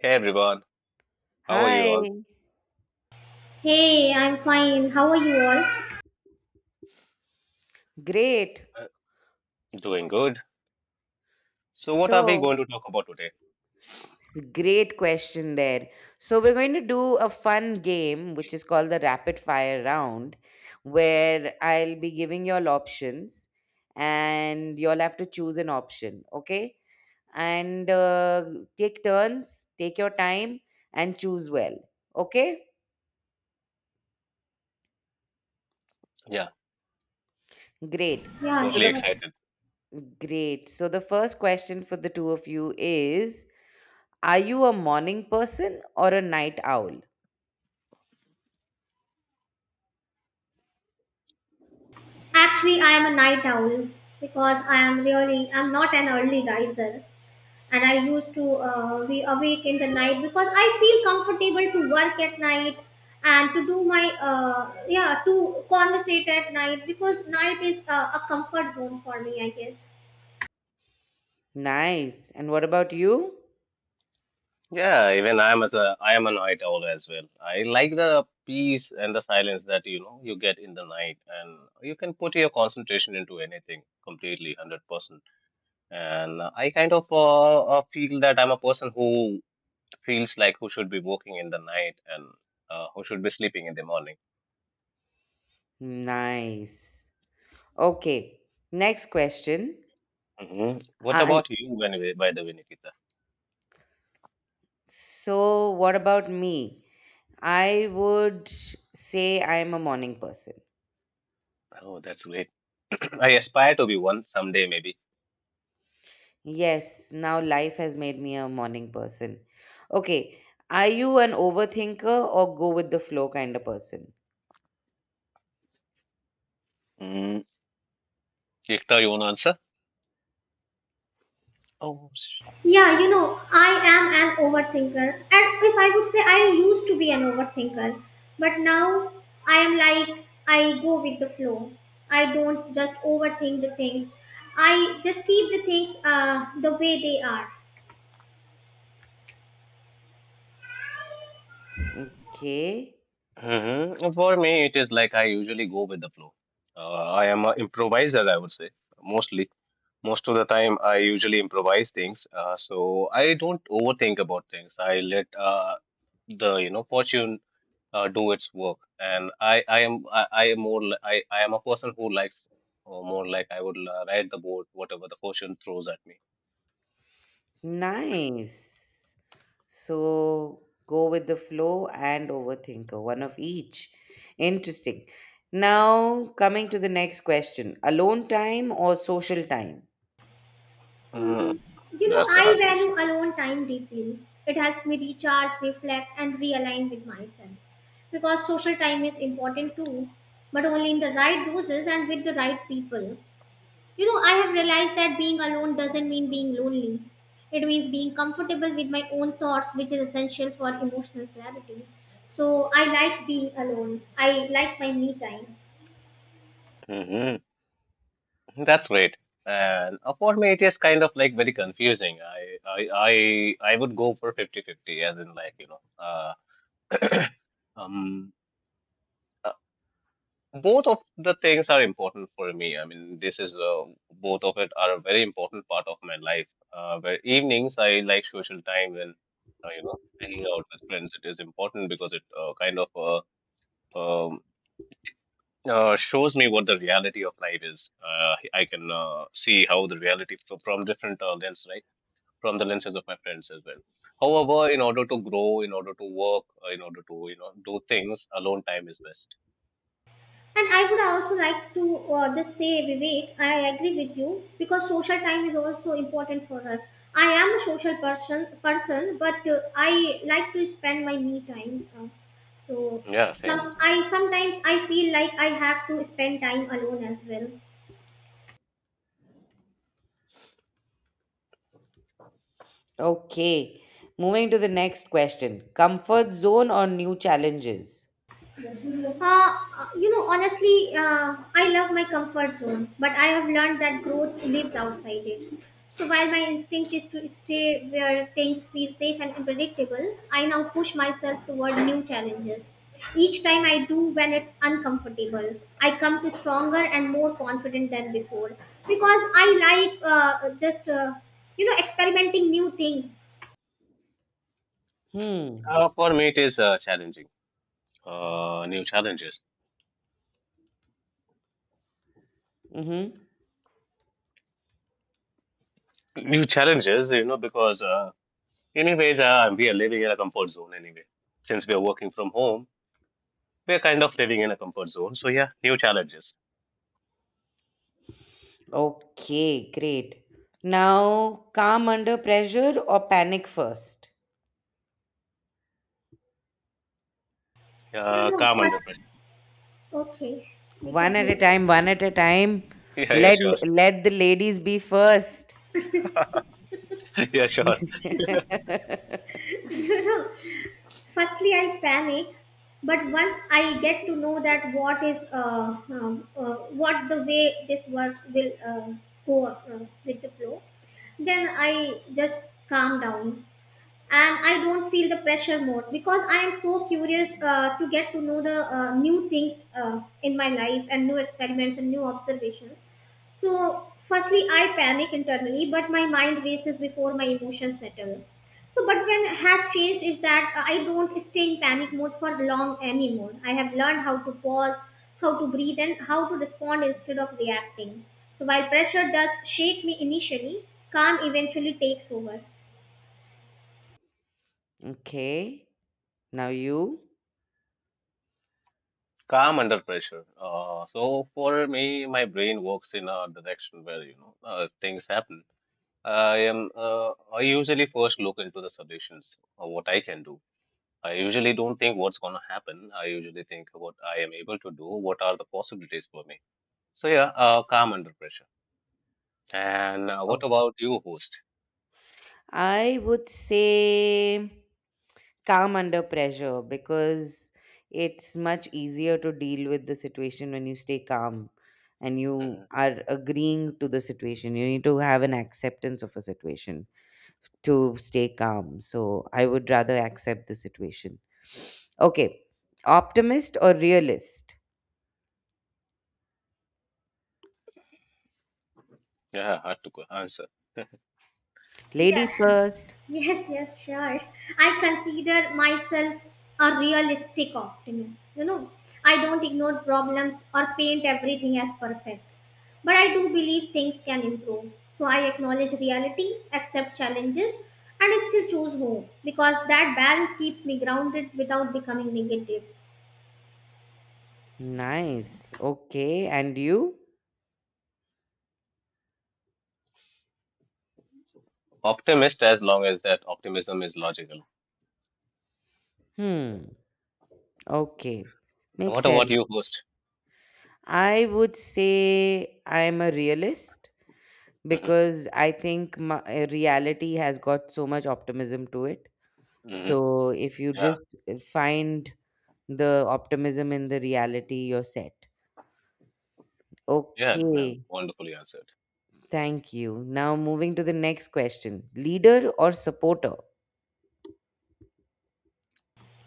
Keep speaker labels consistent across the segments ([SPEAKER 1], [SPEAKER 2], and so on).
[SPEAKER 1] Hey everyone, how are you
[SPEAKER 2] Hi,
[SPEAKER 1] all?
[SPEAKER 3] Hey, I'm fine. How are you all?
[SPEAKER 2] great.
[SPEAKER 1] Uh, Doing good. So what are we
[SPEAKER 2] So,
[SPEAKER 1] going to talk about today?
[SPEAKER 2] great question there. So, we're going to do a fun game which is called the rapid fire round, where I'll be giving you all options and you'll have to choose an option, okay? And take turns, take your time, and choose well, okay?
[SPEAKER 1] Yeah,
[SPEAKER 2] Great.
[SPEAKER 3] Yeah,
[SPEAKER 2] So,
[SPEAKER 1] totally
[SPEAKER 2] the
[SPEAKER 3] sure.
[SPEAKER 1] excited.
[SPEAKER 2] So, the first question for the two of you is, are you a morning person or a night owl?
[SPEAKER 3] Actually, I am a night owl because I am really I'm not an early riser, and I used to be awake in the night because I feel comfortable to work at night and to do my yeah to conversate at night because night is a comfort zone for me, I guess.
[SPEAKER 2] Nice. And what about you?
[SPEAKER 1] Yeah, even I am as a I am a night owl as well. I like the peace and the silence that you get in the night, and you can put your concentration into anything completely, 100%. And I kind of feel that I'm a person who feels like who should be working in the night and who should be sleeping in the morning.
[SPEAKER 2] Nice. Okay. Next question.
[SPEAKER 1] What
[SPEAKER 2] I,
[SPEAKER 1] about you, by the way, Nikita?
[SPEAKER 2] so what about me? I would say I'm a morning person.
[SPEAKER 1] Oh, that's great. I aspire to be one someday, maybe.
[SPEAKER 2] Yes, now life has made me a morning person. Okay. Are you an overthinker or go with the flow kind of person?
[SPEAKER 1] Mm. Ekta, you want to answer? Oh,
[SPEAKER 3] Yeah, you know, I am an overthinker. And if I would say I used to be an overthinker, but now I am like I go with the flow. I don't just overthink the things. I just keep the things the way they are.
[SPEAKER 2] Okay.
[SPEAKER 1] mm-hmm. For me, it is like I usually go with the flow. I am an improviser, I would say, mostly. Most of the time, I usually improvise things, so I don't overthink about things. I let the fortune do its work, and I am more li- I am a person who likes, or more like I would ride the boat, whatever the fortune throws at me.
[SPEAKER 2] Nice. So go with the flow and overthinker, one of each. Interesting. Now, coming to the next question, alone time or social time?
[SPEAKER 3] Mm, you know,
[SPEAKER 1] That's the
[SPEAKER 3] I
[SPEAKER 1] hard question.
[SPEAKER 3] value alone time deeply. It helps me recharge, reflect, and realign with myself. Because social time is important too, but only in the right doses and with the right people. You know, I have realized that being alone doesn't mean being lonely. It means being comfortable with my own thoughts, which is essential for emotional clarity. So I like being alone. I like my me time.
[SPEAKER 1] hmm That's great. And for me, it is kind of like very confusing. I would go for 50-50, as in, like, you know, um, uh, both of the things are important for me. I mean, this is both of it are a very important part of my life. Where evenings I like social time and hanging out with friends. It is important because it kind of uh, um, shows me what the reality of life is. I can see how the reality from different lens, right? From the lenses of my friends as well. However, in order to grow, in order to work, in order to do things, alone time is best.
[SPEAKER 3] And I would also like to just say, Vivek, I agree with you because social time is also important for us. I am a social person, person, but I like to spend my me time. So
[SPEAKER 1] Yeah, same with me.
[SPEAKER 3] Sometimes I feel like I have to spend time alone as well.
[SPEAKER 2] Okay. Moving to the next question, comfort zone or new challenges?
[SPEAKER 3] You know, honestly, I love my comfort zone, but I have learned that growth lives outside it. So while my instinct is to stay where things feel safe and predictable, I now push myself toward new challenges. Each time I do when it's uncomfortable, I come to stronger and more confident than before because I like just you know experimenting new things.
[SPEAKER 2] Hmm.
[SPEAKER 1] For me, it is challenging. New challenges,
[SPEAKER 2] Mm-hmm.
[SPEAKER 1] new challenges. You know, because anyways, we are living in a comfort zone anyway. Since we are working from home, we are kind of living in a comfort zone. So yeah, new challenges.
[SPEAKER 2] Okay, great. Now, calm under pressure or panic first?
[SPEAKER 3] You know,
[SPEAKER 1] Calm under pressure.
[SPEAKER 3] but okay, you
[SPEAKER 2] One
[SPEAKER 3] carry
[SPEAKER 2] at a
[SPEAKER 3] on.
[SPEAKER 2] time, one at a time.
[SPEAKER 1] Yeah, yeah,
[SPEAKER 2] Let
[SPEAKER 1] sure.
[SPEAKER 2] Let the ladies be first.
[SPEAKER 1] Yeah, sure.
[SPEAKER 3] You know, firstly I panic, but once I get to know that what is what the way this work will go with the flow, then I just calm down and I don't feel the pressure more because I am so curious to get to know the new things in my life and new experiments and new observations. So firstly I panic internally, but my mind races before my emotions settle. So but when has changed is that I don't stay in panic mode for long anymore. I have learned how to pause, how to breathe, and how to respond instead of reacting. So while pressure does shake me initially, calm eventually takes over.
[SPEAKER 2] Okay. Now you.
[SPEAKER 1] Calm under pressure. So for me, my brain works in a direction where, you know, things happen. I usually first look into the solutions or what I can do. I usually don't think what's going to happen. I usually think what I am able to do. What are the possibilities for me? So yeah, calm under pressure. And what
[SPEAKER 2] Oh,
[SPEAKER 1] about you, host?
[SPEAKER 2] I would say calm under pressure because it's much easier to deal with the situation when you stay calm and you
[SPEAKER 1] Mhm.
[SPEAKER 2] are agreeing to the situation. You need to have an acceptance of a situation to stay calm. So I would rather accept the situation. Okay. Optimist or realist?
[SPEAKER 1] Yeah, hard to answer.
[SPEAKER 3] Yeah.
[SPEAKER 2] Ladies first.
[SPEAKER 3] Yes, yes, sure. I consider myself a realistic optimist. You know, I don't ignore problems or paint everything as perfect. But I do believe things can improve. So I acknowledge reality, accept challenges, and still choose hope because that balance keeps me grounded without becoming negative.
[SPEAKER 2] Nice. Okay. And you?
[SPEAKER 1] Optimist as long as that optimism is logical.
[SPEAKER 2] Hmm. Okay. Makes
[SPEAKER 1] What about
[SPEAKER 2] sense.
[SPEAKER 1] you, host?
[SPEAKER 2] I would say I'm a realist
[SPEAKER 1] hmm
[SPEAKER 2] because I think my, reality has got so much optimism to it.
[SPEAKER 1] hmm
[SPEAKER 2] So if you
[SPEAKER 1] Yeah.
[SPEAKER 2] just find the optimism in the reality, you're set.
[SPEAKER 1] Yeah, no,
[SPEAKER 2] Okay.
[SPEAKER 1] wonderfully answered.
[SPEAKER 2] Thank you. Now moving to the next question. Leader or supporter?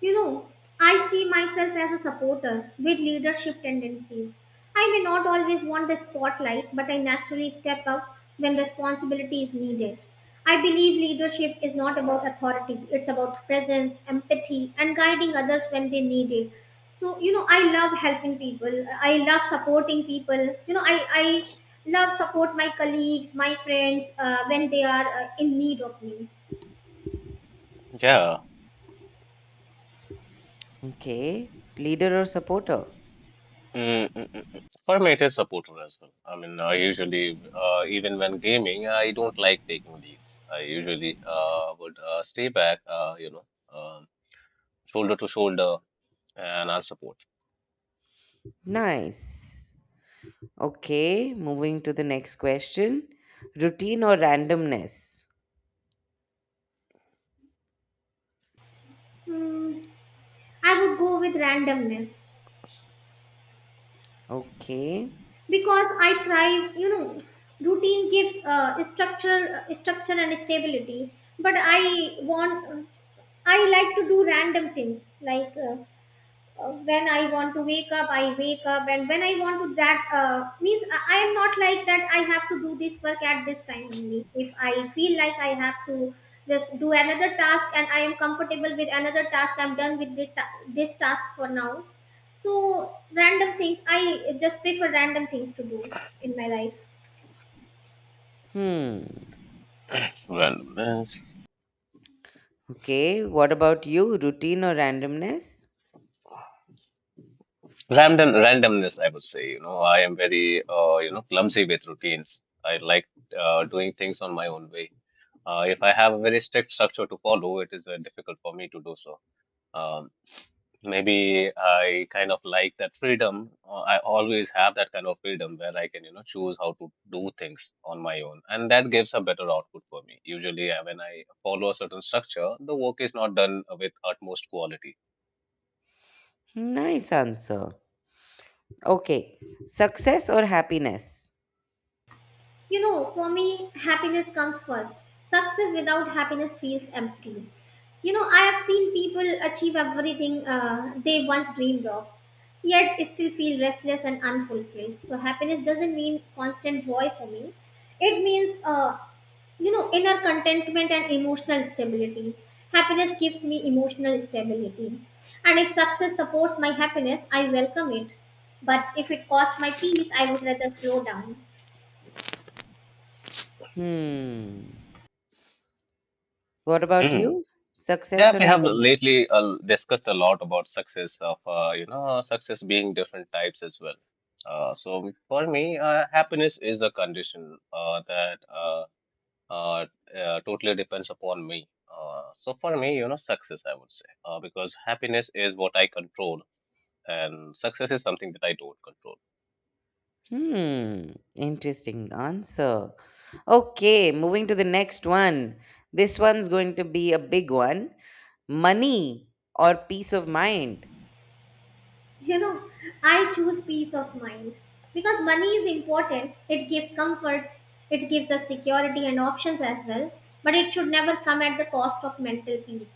[SPEAKER 3] You know, I see myself as a supporter with leadership tendencies. I may not always want the spotlight, but I naturally step up when responsibility is needed. I believe leadership is not about authority, it's about presence, empathy, and guiding others when they need it. So, you know, I love helping people, I love supporting people. You know, I love support my colleagues, my friends when they are in need of me.
[SPEAKER 1] Yeah.
[SPEAKER 2] Okay. Leader or supporter?
[SPEAKER 1] Mm, mm, mm, mm. For me, it is supportive as well. I mean, I usually, even when gaming, I don't like taking leads. I usually would stay back, um shoulder to shoulder, and I'll support.
[SPEAKER 2] Nice. Okay. Moving to the next question. Routine or randomness?
[SPEAKER 3] Hmm, I would go with randomness,
[SPEAKER 2] Okay.
[SPEAKER 3] because I thrive. You know, routine gives uh, structure and stability. But I want, I like to do random things like when I want to wake up, I wake up, and when I want to, that means I am not like that. I have to do this work at this time only. If I feel like I have to just do another task and I am comfortable with another task, I'm done with the this task for now. So random things, I just prefer random things to do in my life.
[SPEAKER 2] Hmm.
[SPEAKER 1] Randomness.
[SPEAKER 2] Okay. What about you? Routine or randomness?
[SPEAKER 1] Randomness, I would say. You know, I am very, you know, clumsy with routines. I like doing things on my own way. If I have a very strict structure to follow, it is very difficult for me to do so. Um, Maybe I kind of like that freedom. I always have that kind of freedom where I can, you know, choose how to do things on my own, and that gives a better output for me. Usually, when I follow a certain structure, the work is not done with utmost quality.
[SPEAKER 2] Nice answer. Okay. Success or happiness?
[SPEAKER 3] You know, for me, happiness comes first. Success without happiness feels empty. You know, I have seen people achieve everything they once dreamed of, yet still feel restless and unfulfilled. So, happiness doesn't mean constant joy for me. It means, you know, inner contentment and emotional stability. Happiness gives me emotional stability. And if success supports my happiness, I welcome it. But if it costs my peace, I would rather slow down.
[SPEAKER 2] Hmm. What about
[SPEAKER 1] Hmm.
[SPEAKER 2] you?
[SPEAKER 1] Yeah,
[SPEAKER 2] Success
[SPEAKER 1] we
[SPEAKER 2] or
[SPEAKER 1] have
[SPEAKER 2] happiness?
[SPEAKER 1] lately discussed a lot about success of you know success being different types as well. So for me, happiness is a condition that. uh, totally depends upon me. So for me, you know, success, I would say, because happiness is what I control, and success is something that I don't control.
[SPEAKER 2] Hmm. Interesting answer. Okay, moving to the next one. This one's going to be a big one. Money or peace of mind?
[SPEAKER 3] You know, I choose peace of mind because money is important. It gives comfort, it gives us security and options as well, but it should never come at the cost of mental peace.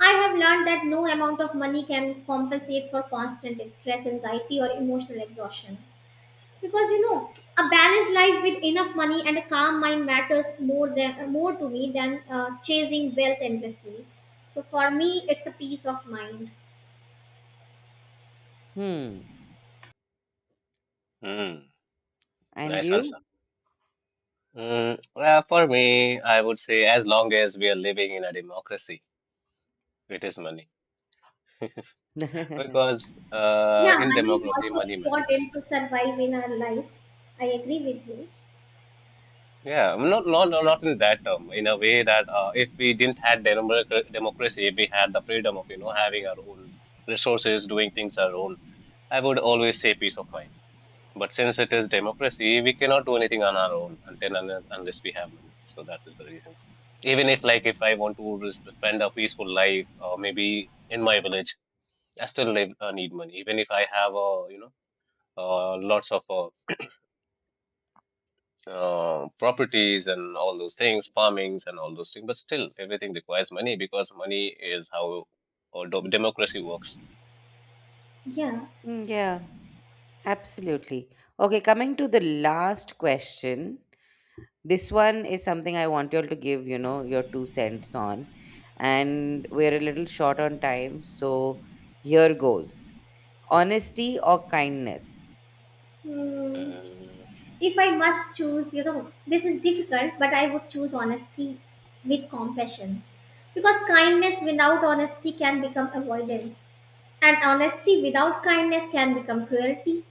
[SPEAKER 3] I have learned that no amount of money can compensate for constant stress, anxiety, or emotional exhaustion. Because you know, a balanced life with enough money and a calm mind matters more to me than chasing wealth endlessly. So for me, it's a peace of mind.
[SPEAKER 2] Hmm.
[SPEAKER 1] Mm,
[SPEAKER 2] And
[SPEAKER 1] nice answer.
[SPEAKER 2] you?
[SPEAKER 1] Mm, well, for me, I would say as long as we are living in a democracy, it is money. Because
[SPEAKER 3] Yeah,
[SPEAKER 1] in
[SPEAKER 3] money is
[SPEAKER 1] democracy,
[SPEAKER 3] also
[SPEAKER 1] money matters.
[SPEAKER 3] important to survive in our life. I agree with you.
[SPEAKER 1] Yeah, well, not in that term. In a way that if we didn't had democracy, if we had the freedom of having our own resources, doing things our own, I would always say peace of mind. But since it is democracy, we cannot do anything on our own until unless, unless we have money. So that is the reason. Even if, like, if I want to spend a peaceful life, or maybe in my village, I still live, need money. Even if I have you know lots of properties and all those things, farmings and all those things, but still everything requires money because money is how democracy works.
[SPEAKER 3] Yeah.
[SPEAKER 2] Mm. Yeah, absolutely. Okay, coming to the last question. This one is something I want you all to give, you know, your two cents on. And we're a little short on time, so here goes. Honesty or kindness?
[SPEAKER 3] Hmm.
[SPEAKER 1] Mm,
[SPEAKER 3] If I must choose, you know, this is difficult, but I would choose honesty with compassion. Because kindness without honesty can become avoidance, and honesty without kindness can become cruelty.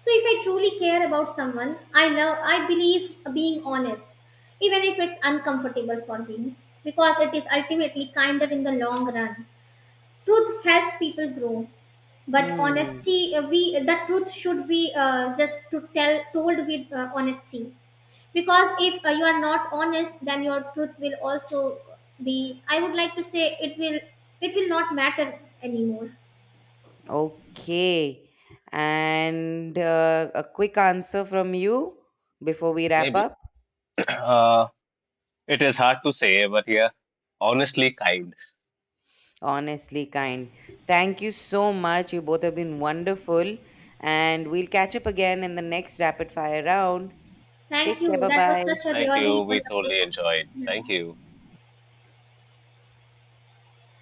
[SPEAKER 3] So if I truly care about someone, I love, I believe being honest, even if it's uncomfortable for me, because it is ultimately kinder in the long run. Truth helps people grow, but
[SPEAKER 2] Hmm.
[SPEAKER 3] honesty, we the truth should be just to tell told with honesty. Because if you are not honest, then your truth will also be. I would like to say it will not matter anymore.
[SPEAKER 2] Okay. And a quick answer from you before we wrap
[SPEAKER 1] maybe.
[SPEAKER 2] up.
[SPEAKER 1] uh, It is hard to say, but yeah, honestly, kind.
[SPEAKER 2] Honestly, kind. Thank you so much. You both have been wonderful. And we'll catch up again in the next rapid fire round.
[SPEAKER 3] Thank
[SPEAKER 2] Take care.
[SPEAKER 3] you.
[SPEAKER 2] Bye
[SPEAKER 3] That was
[SPEAKER 2] bye.
[SPEAKER 3] such a
[SPEAKER 1] Thank you.
[SPEAKER 3] really
[SPEAKER 1] We totally
[SPEAKER 3] wonderful.
[SPEAKER 1] enjoyed.
[SPEAKER 3] Yeah.
[SPEAKER 1] Thank you.